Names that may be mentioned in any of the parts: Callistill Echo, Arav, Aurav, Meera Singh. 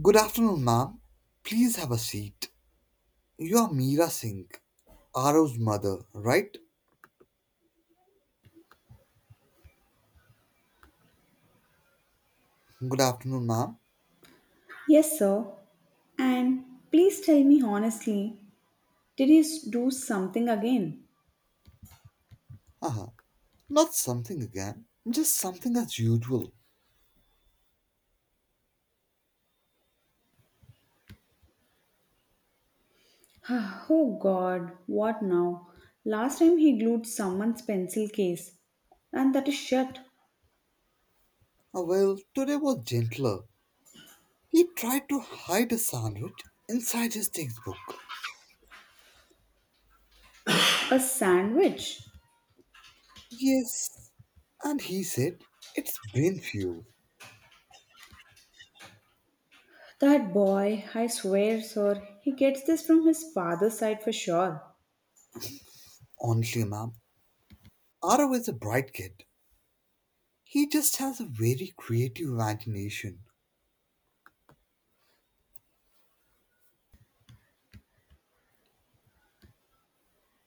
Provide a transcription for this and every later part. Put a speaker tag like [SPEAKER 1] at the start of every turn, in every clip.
[SPEAKER 1] Good afternoon, ma'am. Please have a seat. You are Meera Singh, Arav's mother, right? Good afternoon, ma'am.
[SPEAKER 2] Yes, sir. And please tell me honestly, do something again?
[SPEAKER 1] Haha. Not something again, just something as usual.
[SPEAKER 2] Oh god, what now? Last time he glued someone's pencil case. And that is shut.
[SPEAKER 1] Ah, well, today was gentler. He tried to hide a sandwich inside his textbook.
[SPEAKER 2] A sandwich.
[SPEAKER 1] Yes, and he said, It's brain fuel.
[SPEAKER 2] That boy, I swear, sir, he gets this from his father's side for sure.
[SPEAKER 1] Honestly, ma'am, Arav is a bright kid. He just has a very creative imagination.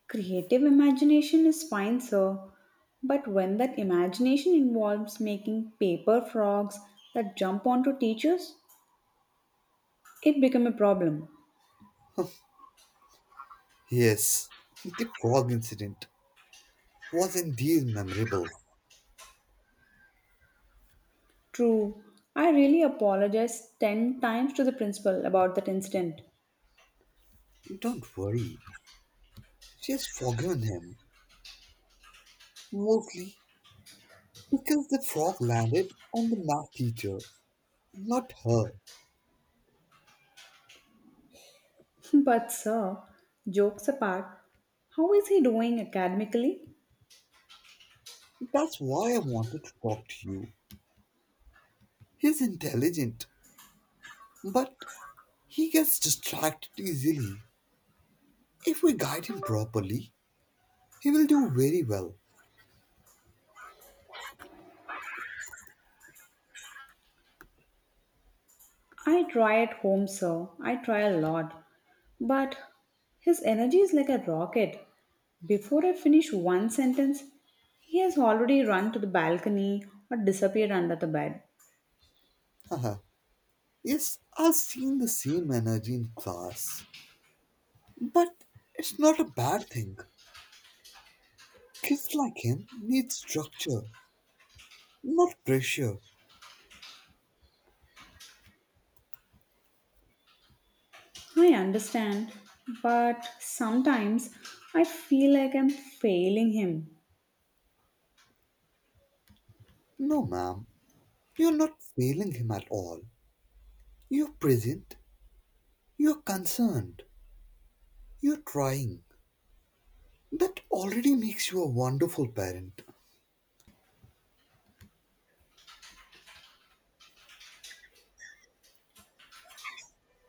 [SPEAKER 2] Creative imagination is fine, sir. But when that imagination involves making paper frogs that jump onto teachers, it becomes a problem.
[SPEAKER 1] Yes, the frog incident. Was indeed memorable.
[SPEAKER 2] True. I really apologized 10 times to the principal about that incident.
[SPEAKER 1] Don't worry, she has forgiven him, mostly because the frog landed on the math teacher, not her.
[SPEAKER 2] But, sir, jokes apart, how is he doing academically?
[SPEAKER 1] That's why I wanted to talk to you. He's intelligent, but he gets distracted easily. If we guide him properly, he will do very well.
[SPEAKER 2] I try at home, sir. I try a lot. But his energy is like a rocket. Before I finish one sentence, he has already run to the balcony or disappeared under the bed.
[SPEAKER 1] Haha. Yes, I've seen the same energy in class, but it's not a bad thing. Kids like him need structure, not pressure.
[SPEAKER 2] I understand, but sometimes I feel like I'm failing him.
[SPEAKER 1] No, ma'am, you're not failing him at all. You're present, you're concerned, you're trying. That already makes you a wonderful parent.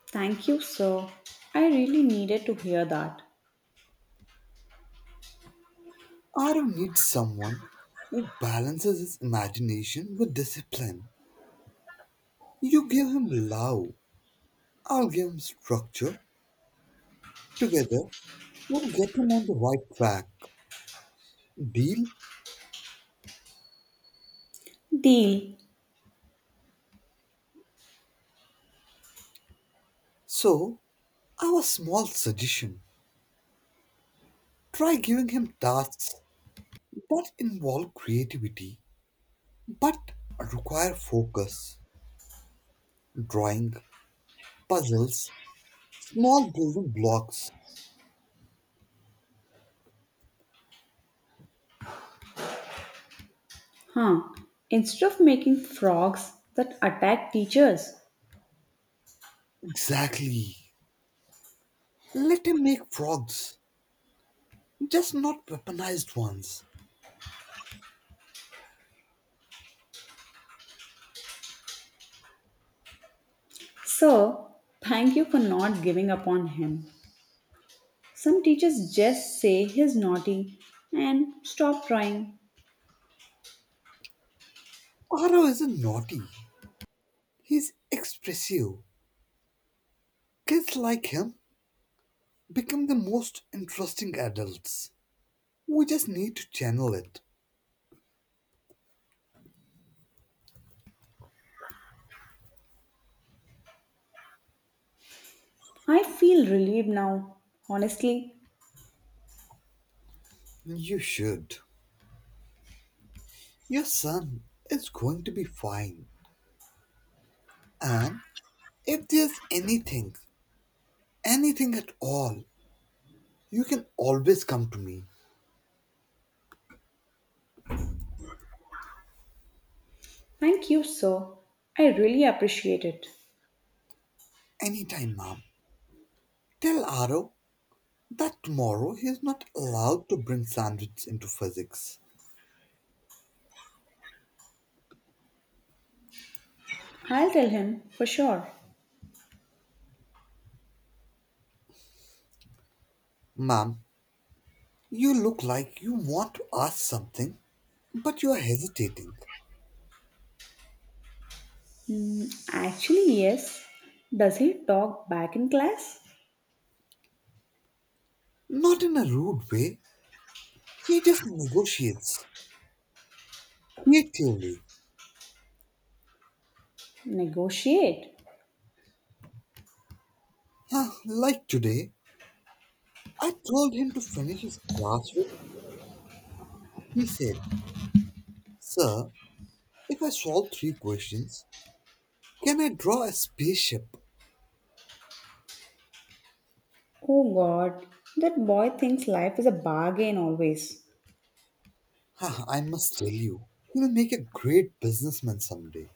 [SPEAKER 2] Thank you, sir. I really needed to hear that.
[SPEAKER 1] Aaron needs someone who balances his imagination with discipline. You give him love, I'll give him structure. Together, we'll get him on the right track. Deal?
[SPEAKER 2] Deal,
[SPEAKER 1] So, our small suggestion try giving him tasks that involve creativity but require focus, drawing, puzzles, small building blocks.
[SPEAKER 2] huh? Instead of making frogs that attack teachers.
[SPEAKER 1] Exactly. Let him make frogs, just not weaponized ones.
[SPEAKER 2] Sir, thank you for not giving up on him. Some teachers just say he's naughty and stop trying.
[SPEAKER 1] Aro isn't naughty, he's expressive. Kids like him become the most interesting adults. We just need to channel it.
[SPEAKER 2] I feel relieved now, honestly.
[SPEAKER 1] You should. Your son is going to be fine. And if there's anything, anything at all, you can always come to me.
[SPEAKER 2] Thank you, sir. I really appreciate it.
[SPEAKER 1] Anytime, Mom. Tell Aro that tomorrow he is not allowed to bring sandwiches into physics.
[SPEAKER 2] I'll tell him for sure.
[SPEAKER 1] Mom, you look like you want to ask something, but you are hesitating.
[SPEAKER 2] Hmm, actually, yes. Does he talk back in class?
[SPEAKER 1] Not in a rude way. He just negotiates creatively.
[SPEAKER 2] Negotiate?
[SPEAKER 1] Huh, like today, I told him to finish his classwork. He said, Sir, if I solve three questions, can I draw a spaceship?
[SPEAKER 2] Oh god, that boy thinks life is a bargain always.
[SPEAKER 1] Huh, I must tell you, he'll make a great businessman someday.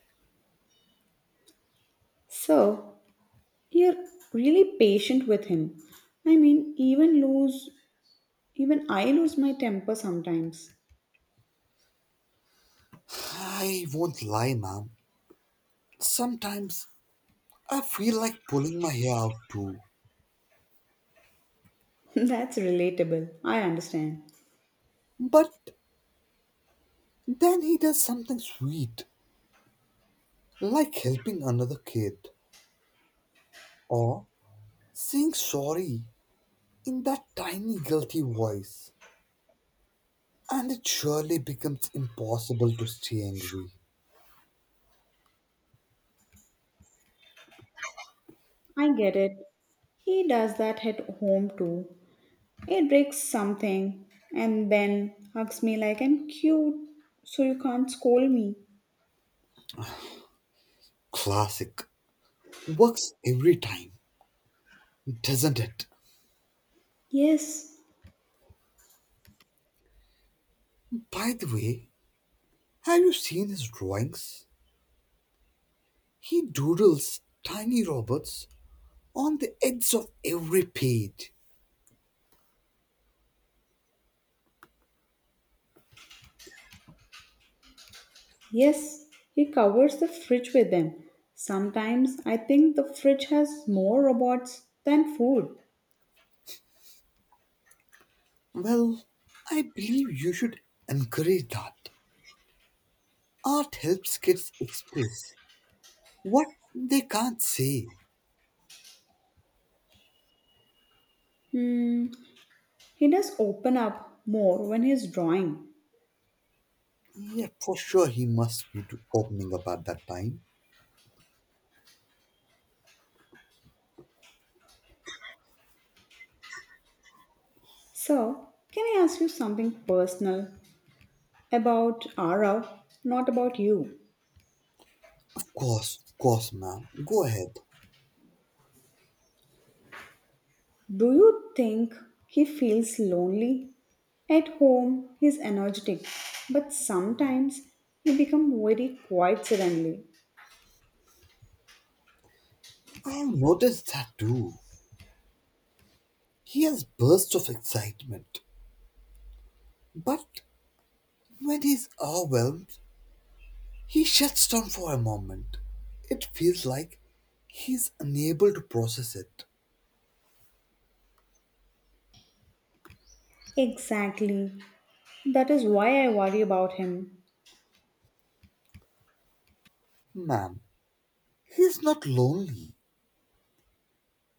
[SPEAKER 2] So, you're really patient with him. I mean, even I lose my temper sometimes.
[SPEAKER 1] I won't lie, ma'am. Sometimes I feel like pulling my hair out too.
[SPEAKER 2] That's relatable. I understand.
[SPEAKER 1] But then he does something sweet, like helping another kid or saying sorry in that tiny guilty voice. And it surely becomes impossible to stay angry.
[SPEAKER 2] I get it. He does that at home too. He breaks something and then hugs me like I'm cute, so you can't scold me.
[SPEAKER 1] Classic. Works every time, doesn't it?
[SPEAKER 2] Yes.
[SPEAKER 1] By the way, have you seen his drawings? He doodles tiny robots on the edge of every page.
[SPEAKER 2] Yes, he covers the fridge with them. Sometimes I think the fridge has more robots than food.
[SPEAKER 1] Well, I believe you should encourage that. Art helps kids express what they can't say.
[SPEAKER 2] Hmm, he does open up more when he's drawing.
[SPEAKER 1] Yeah, for sure he must be opening up at that time.
[SPEAKER 2] So, can I ask you something personal about Arav, not about you?
[SPEAKER 1] Of course, ma'am. Go ahead.
[SPEAKER 2] Do you think he feels lonely? At home, he's energetic, but sometimes he becomes very quiet suddenly.
[SPEAKER 1] I have noticed that too. He has bursts of excitement, but when he's overwhelmed, he shuts down for a moment. It feels like he's unable to process it.
[SPEAKER 2] Exactly. That is why I worry about him.
[SPEAKER 1] Ma'am, He's not lonely,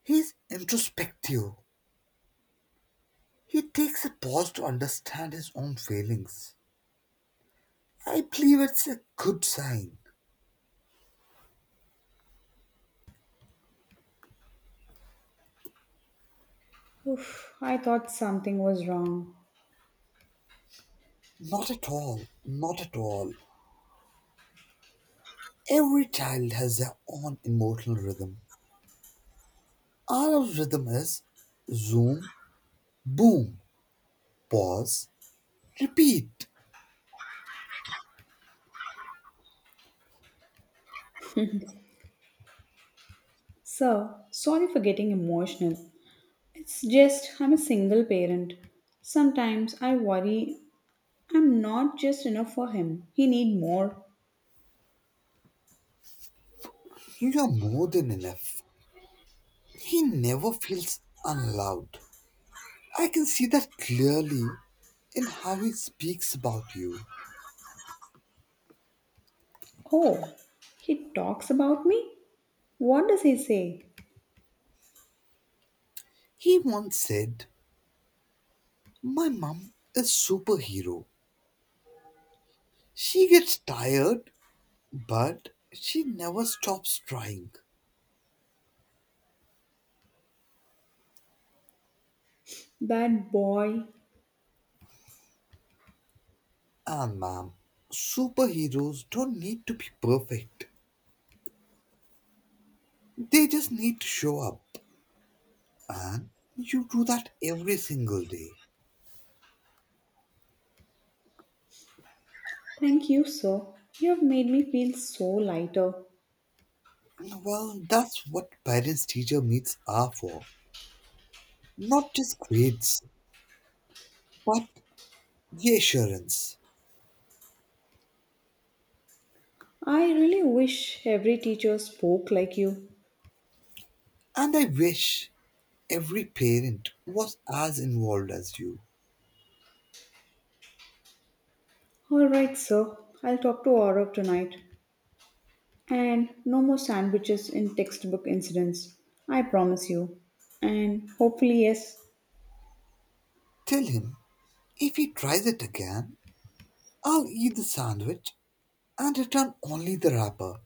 [SPEAKER 1] he's introspective. He takes a pause to understand his own feelings. I believe it's a good sign.
[SPEAKER 2] Oof, I thought something was wrong.
[SPEAKER 1] Not at all, not at all. Every child has their own emotional rhythm. Our rhythm is zoom, boom, pause, repeat.
[SPEAKER 2] Sir, sorry for getting emotional. It's just I'm a single parent. Sometimes I worry I'm not just enough for him. He need more.
[SPEAKER 1] You are more than enough. He never feels unloved. I can see that clearly in how he speaks about you.
[SPEAKER 2] Oh, he talks about me? What does he say?
[SPEAKER 1] He once said, My mom is superhero. She gets tired, but she never stops trying.
[SPEAKER 2] That boy.
[SPEAKER 1] And ma'am, superheroes don't need to be perfect. They just need to show up. And you do that every single day.
[SPEAKER 2] Thank you, sir. You have made me feel so lighter.
[SPEAKER 1] Well, that's what parents teacher meets are for. Not just grades, but reassurance.
[SPEAKER 2] I really wish every teacher spoke like you.
[SPEAKER 1] And I wish every parent was as involved as you.
[SPEAKER 2] All right, sir. I'll talk to Aurav tonight. And no more sandwiches in textbook incidents, I promise you. And hopefully, yes,
[SPEAKER 1] Tell him if he tries it again, I'll eat the sandwich and return only the wrapper.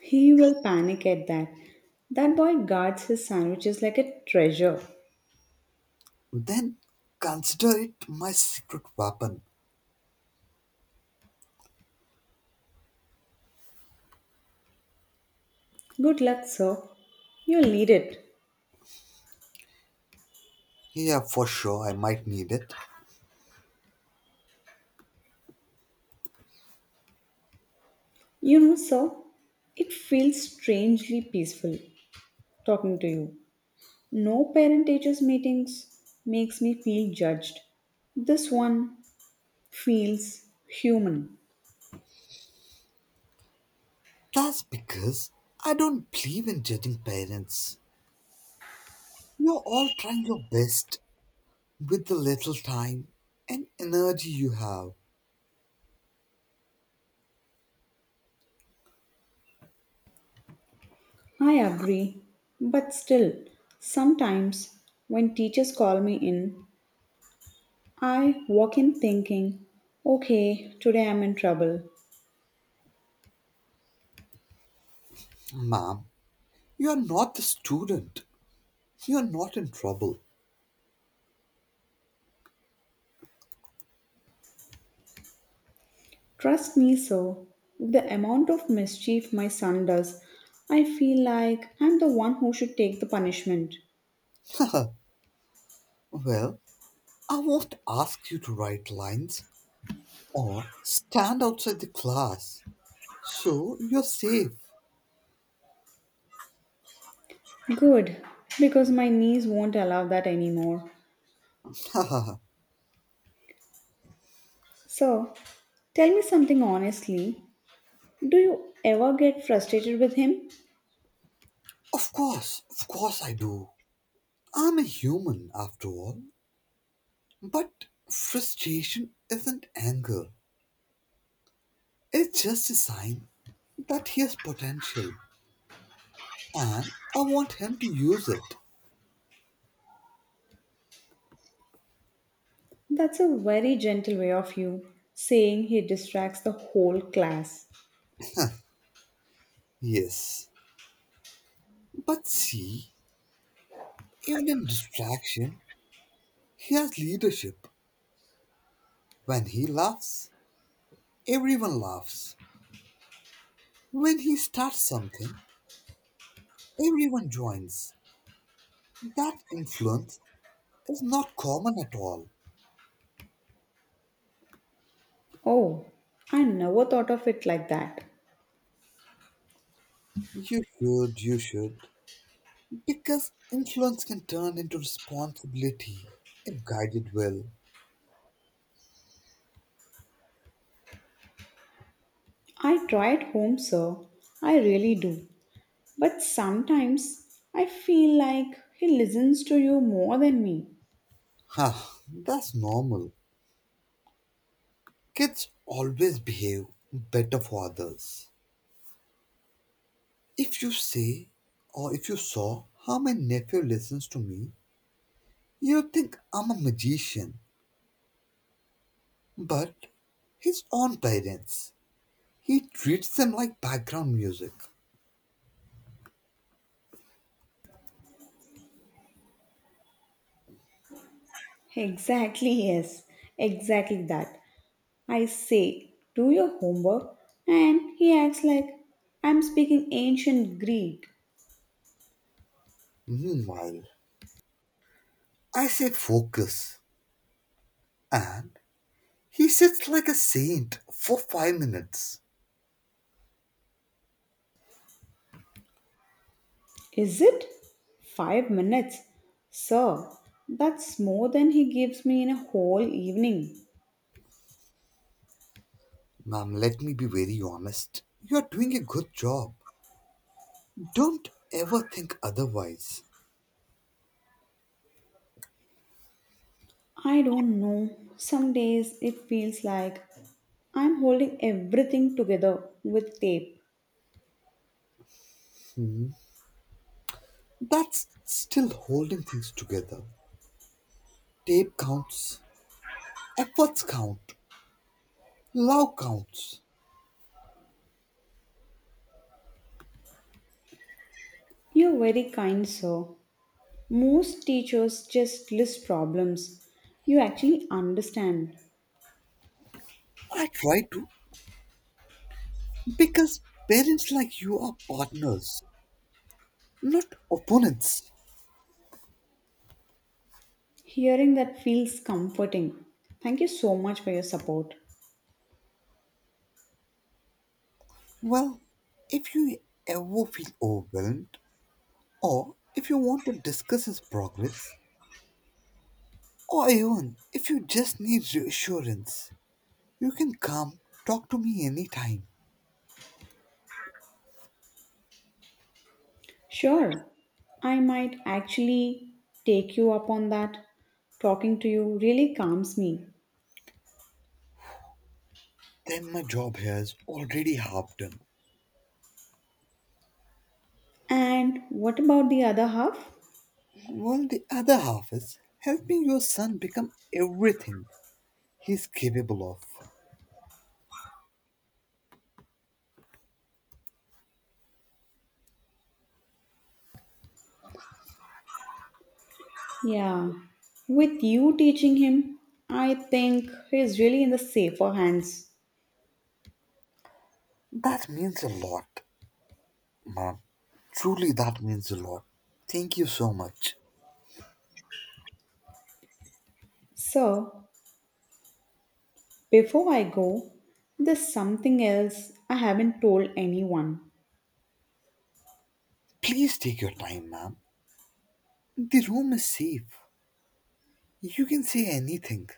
[SPEAKER 2] he will panic at that. That boy guards his sandwiches like a treasure.
[SPEAKER 1] Then consider it my secret weapon.
[SPEAKER 2] Good luck, sir. You'll need it.
[SPEAKER 1] Yeah, for sure, I might need it.
[SPEAKER 2] You know, sir, it feels strangely peaceful talking to you. No parent teachers meetings makes me feel judged. This one feels human.
[SPEAKER 1] That's because I don't believe in judging parents. You're all trying your best with the little time and energy you have.
[SPEAKER 2] I agree, but still, sometimes when teachers call me in, I walk in thinking, okay, today I'm in trouble.
[SPEAKER 1] Ma'am, you're not the student. You're not in trouble.
[SPEAKER 2] Trust me, so with the amount of mischief my son does, I feel like I'm the one who should take the punishment.
[SPEAKER 1] well, I won't ask you to write lines or stand outside the class. So you're safe.
[SPEAKER 2] Good, because my knees won't allow that anymore. So, tell me something honestly. Do you ever get frustrated with him?
[SPEAKER 1] Of course I do. I'm a human after all. But frustration isn't anger. It's just a sign that he has potential and I want him to use it.
[SPEAKER 2] That's a very gentle way of you saying he distracts the whole class.
[SPEAKER 1] Yes. But see, even in distraction, he has leadership. When he laughs, everyone laughs. When he starts something, everyone joins. That influence is not common at all.
[SPEAKER 2] Oh, I never thought of it like that.
[SPEAKER 1] You should, you should. Because influence can turn into responsibility if guided well.
[SPEAKER 2] I try at home, sir. I really do. But sometimes I feel like he listens to you more than me.
[SPEAKER 1] Ha! That's normal. Kids always behave better for others. If you say, or if you saw how my nephew listens to me, you'd think I'm a magician. But his own parents, he treats them like background music.
[SPEAKER 2] Exactly, yes. Exactly that. I say, do your homework, and he acts like I'm speaking ancient Greek.
[SPEAKER 1] Meanwhile, I say focus and He sits like a saint for 5 minutes.
[SPEAKER 2] Is it? 5 minutes? Sir, that's more than he gives me in a whole evening.
[SPEAKER 1] Ma'am, let me be very honest. You're doing a good job. Don't ever think otherwise.
[SPEAKER 2] I don't know. Some days it feels like I'm holding everything together with tape.
[SPEAKER 1] That's still holding things together. Tape counts, efforts count, love counts.
[SPEAKER 2] You're very kind, sir. Most teachers just list problems. You actually understand.
[SPEAKER 1] I try to because parents like you are partners, not opponents.
[SPEAKER 2] Hearing that feels comforting. Thank you so much for your support.
[SPEAKER 1] Well, if you ever feel overwhelmed or if you want to discuss his progress, Oh, even if you just need reassurance, you can come talk to me anytime.
[SPEAKER 2] Sure, I might actually take you up on that. Talking to you really calms me.
[SPEAKER 1] Then my job here is already half done.
[SPEAKER 2] And what about the other half?
[SPEAKER 1] Well, the other half is helping your son become everything he's capable of.
[SPEAKER 2] Yeah, with you teaching him, I think he's really in the safer hands.
[SPEAKER 1] That means a lot, ma'am. Truly, that means a lot. Thank you so much.
[SPEAKER 2] So, before I go, there's something else I haven't told anyone.
[SPEAKER 1] Please take your time, ma'am. The room is safe. You can say anything,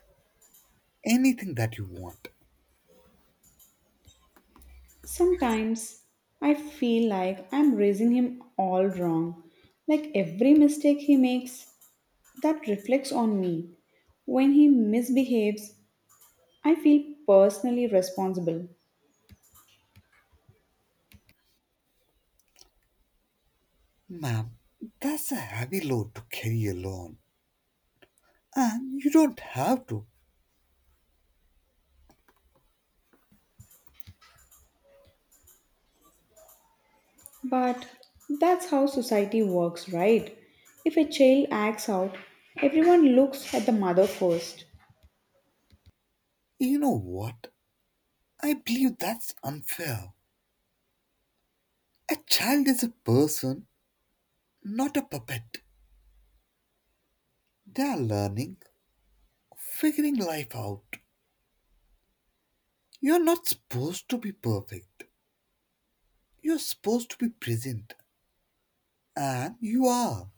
[SPEAKER 1] anything that you want.
[SPEAKER 2] Sometimes I feel like I'm raising him all wrong. Like every mistake he makes, that reflects on me. When he misbehaves, I feel personally responsible.
[SPEAKER 1] Ma'am, that's a heavy load to carry alone. And you don't have to.
[SPEAKER 2] But that's how society works, right? If a child acts out, everyone looks at the mother first.
[SPEAKER 1] You know what? I believe that's unfair. A child is a person, not a puppet. They are learning, figuring life out. You're not supposed to be perfect. You're supposed to be present. And you are.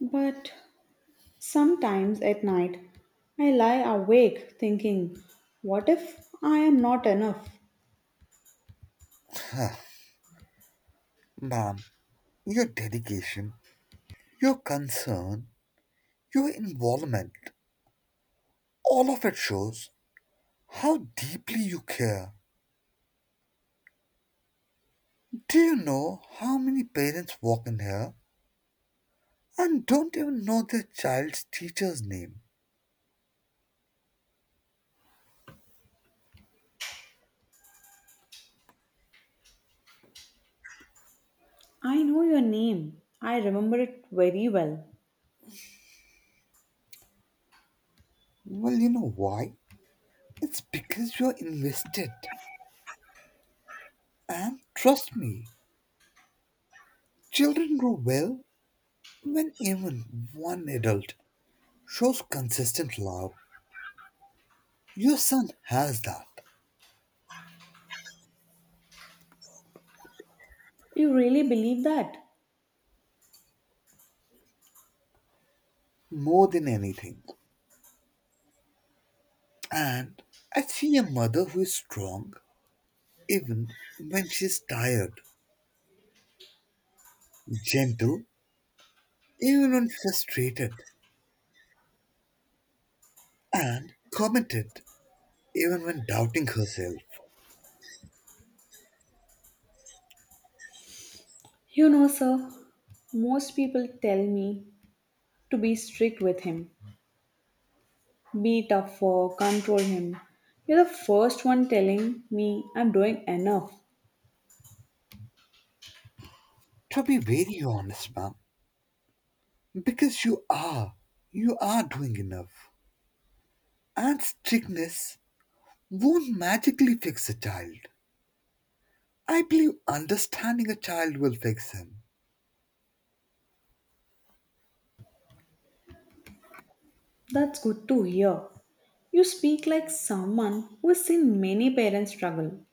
[SPEAKER 2] But sometimes at night, I lie awake thinking, what if I am not enough?
[SPEAKER 1] Ma'am, your dedication, your concern, your involvement, all of it shows how deeply you care. Do you know how many parents walk in here and don't even know the child's teacher's name.
[SPEAKER 2] I know your name. I remember it very well.
[SPEAKER 1] Well, you know why? It's because you're invested. And trust me, children grow well when even one adult shows consistent love. Your son has that
[SPEAKER 2] You really believe that?
[SPEAKER 1] more than anything. And I see a mother who is strong even when she's tired, gentle even when frustrated, and committed even when doubting herself.
[SPEAKER 2] You know, sir, most people tell me to be strict with him, be tough for, control him. You're the first one telling me I'm doing enough.
[SPEAKER 1] To be very honest, ma'am, Because you are. You are doing enough. And strictness won't magically fix a child. I believe understanding a child will fix him.
[SPEAKER 2] That's good to hear. You speak like someone who has seen many parents struggle.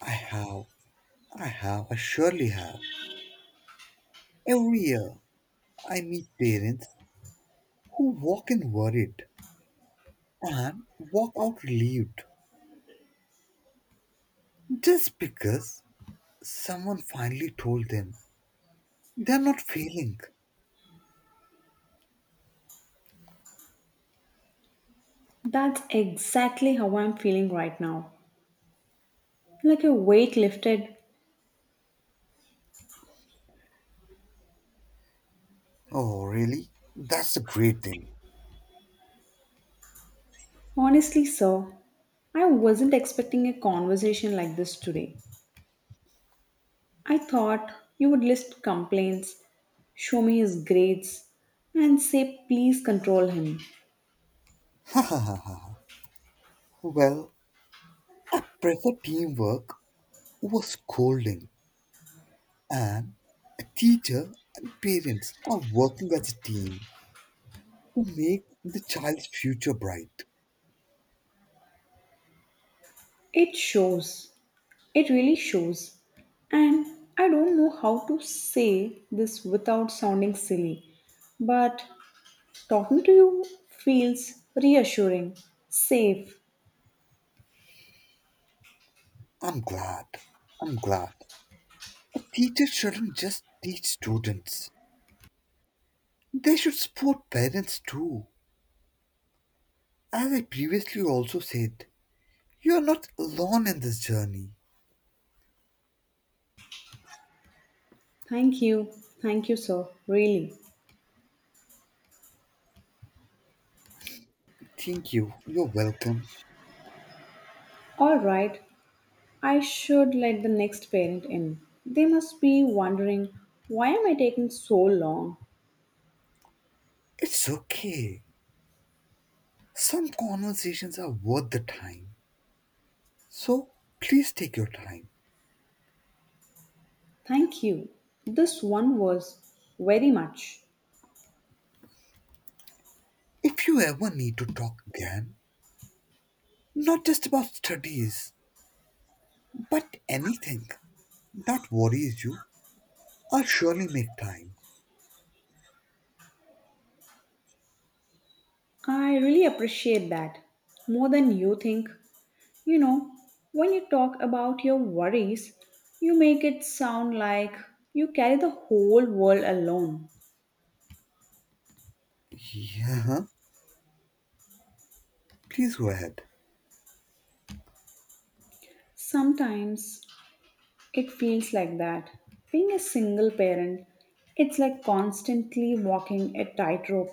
[SPEAKER 1] I have. I have. I surely have. Every year, I meet parents who walk in worried and walk out relieved just because someone finally told them they're not failing.
[SPEAKER 2] That's exactly how I'm feeling right now. Like a weight lifted.
[SPEAKER 1] Oh, really? That's a great thing.
[SPEAKER 2] Honestly, sir, I wasn't expecting a conversation like this today. I thought you would list complaints, show me his grades, and say please control him.
[SPEAKER 1] well, prefer teamwork was scolding, and a teacher and parents are working as a team to make the child's future bright.
[SPEAKER 2] It shows. It really shows. And I don't know how to say this without sounding silly, but talking to you feels reassuring, safe.
[SPEAKER 1] I'm glad. I'm glad. A teacher shouldn't just teach students, they should support parents too. As I previously also said, you are not alone in this journey.
[SPEAKER 2] Thank you. Thank you, sir. Really.
[SPEAKER 1] Thank you. You're welcome.
[SPEAKER 2] All right. I should let the next parent in. They must be wondering why am I taking so long?
[SPEAKER 1] It's okay. Some conversations are worth the time. So please take your time.
[SPEAKER 2] Thank you. This one was very much.
[SPEAKER 1] If you ever need to talk again, Not just about studies, but anything that worries you. I'll surely make time.
[SPEAKER 2] I really appreciate that. More than you think. You know, when you talk about your worries, you make it sound like you carry the whole world alone.
[SPEAKER 1] Yeah, please go ahead.
[SPEAKER 2] Sometimes it feels like that. Being a single parent, it's like constantly walking a tightrope.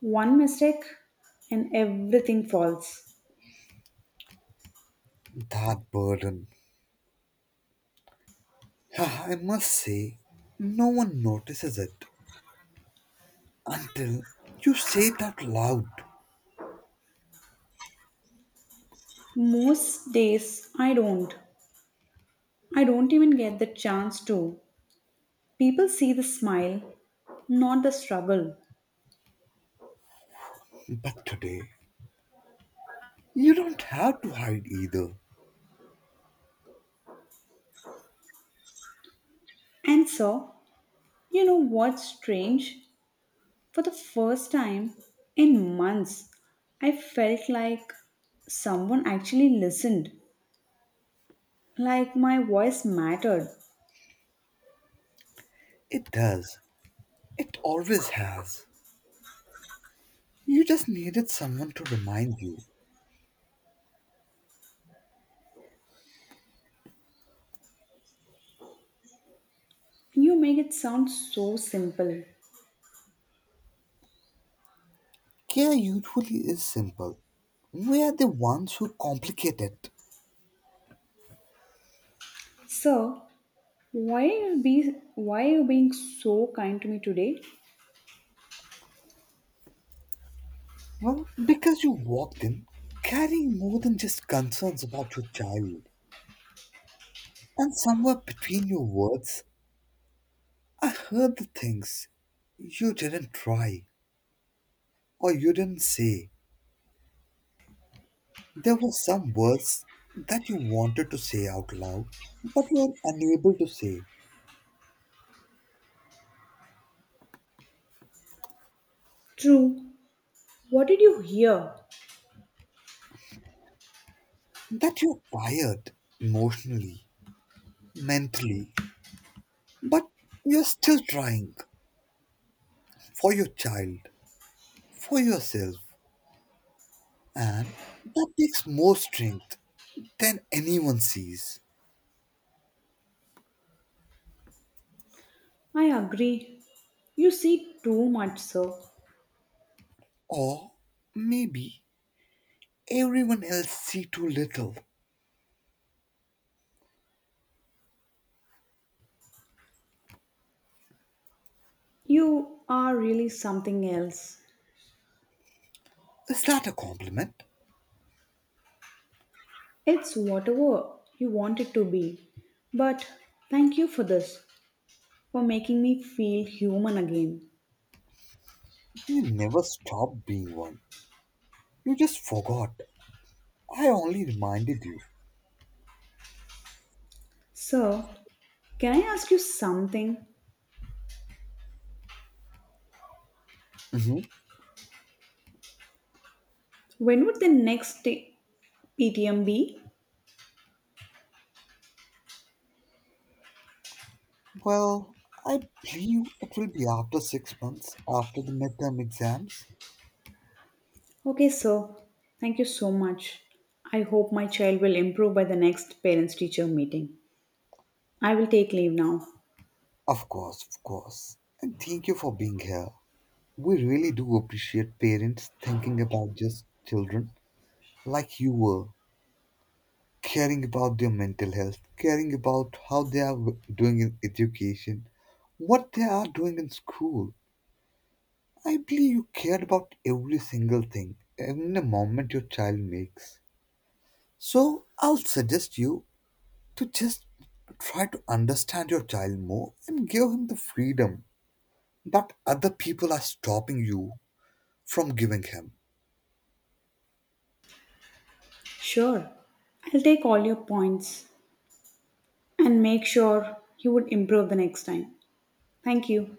[SPEAKER 2] One mistake and everything falls.
[SPEAKER 1] That burden. Ah, I must say, no one notices it until you say it out loud.
[SPEAKER 2] Most days I don't. I don't even get the chance to. People see the smile, not the struggle.
[SPEAKER 1] But today, you don't have to hide either.
[SPEAKER 2] And so, you know what's strange? For the first time in months, I felt like someone actually listened, like my voice mattered.
[SPEAKER 1] It does. It always has. You just needed someone to remind you.
[SPEAKER 2] You make it sound so simple.
[SPEAKER 1] Care usually is simple. We are the ones who complicate it.
[SPEAKER 2] Sir, why are you being so kind to me today?
[SPEAKER 1] Well, because you walked in carrying more than just concerns about your child. And somewhere between your words, I heard the things you didn't try or you didn't say. There were some words that you wanted to say out loud, but you were unable to say.
[SPEAKER 2] True. What did you hear?
[SPEAKER 1] That you're tired emotionally, mentally, but you're still trying for your child, for yourself. And that takes more strength than anyone sees.
[SPEAKER 2] I agree. You see too much, sir.
[SPEAKER 1] Or maybe everyone else see too little.
[SPEAKER 2] You are really something else.
[SPEAKER 1] Is that a compliment?
[SPEAKER 2] It's whatever you want it to be. But thank you for this, for making me feel human again.
[SPEAKER 1] You never stopped being one. You just forgot. I only reminded you.
[SPEAKER 2] So, can I ask you something?
[SPEAKER 1] Hmm
[SPEAKER 2] When would the next PTM be?
[SPEAKER 1] Well, I believe it will be after 6 months, after the midterm exams.
[SPEAKER 2] Okay, so thank you so much. I hope my child will improve by the next parents teacher meeting. I will take leave now.
[SPEAKER 1] Of course, of course. And thank you for being here. We really do appreciate parents thinking about just children like you were. Caring about their mental health, caring about how they are doing in education, what they are doing in school. I believe you cared about every single thing, even the moment your child makes. So I'll suggest you to just try to understand your child more and give him the freedom that other people are stopping you from giving him.
[SPEAKER 2] Sure, I'll take all your points and make sure you would improve the next time. Thank you.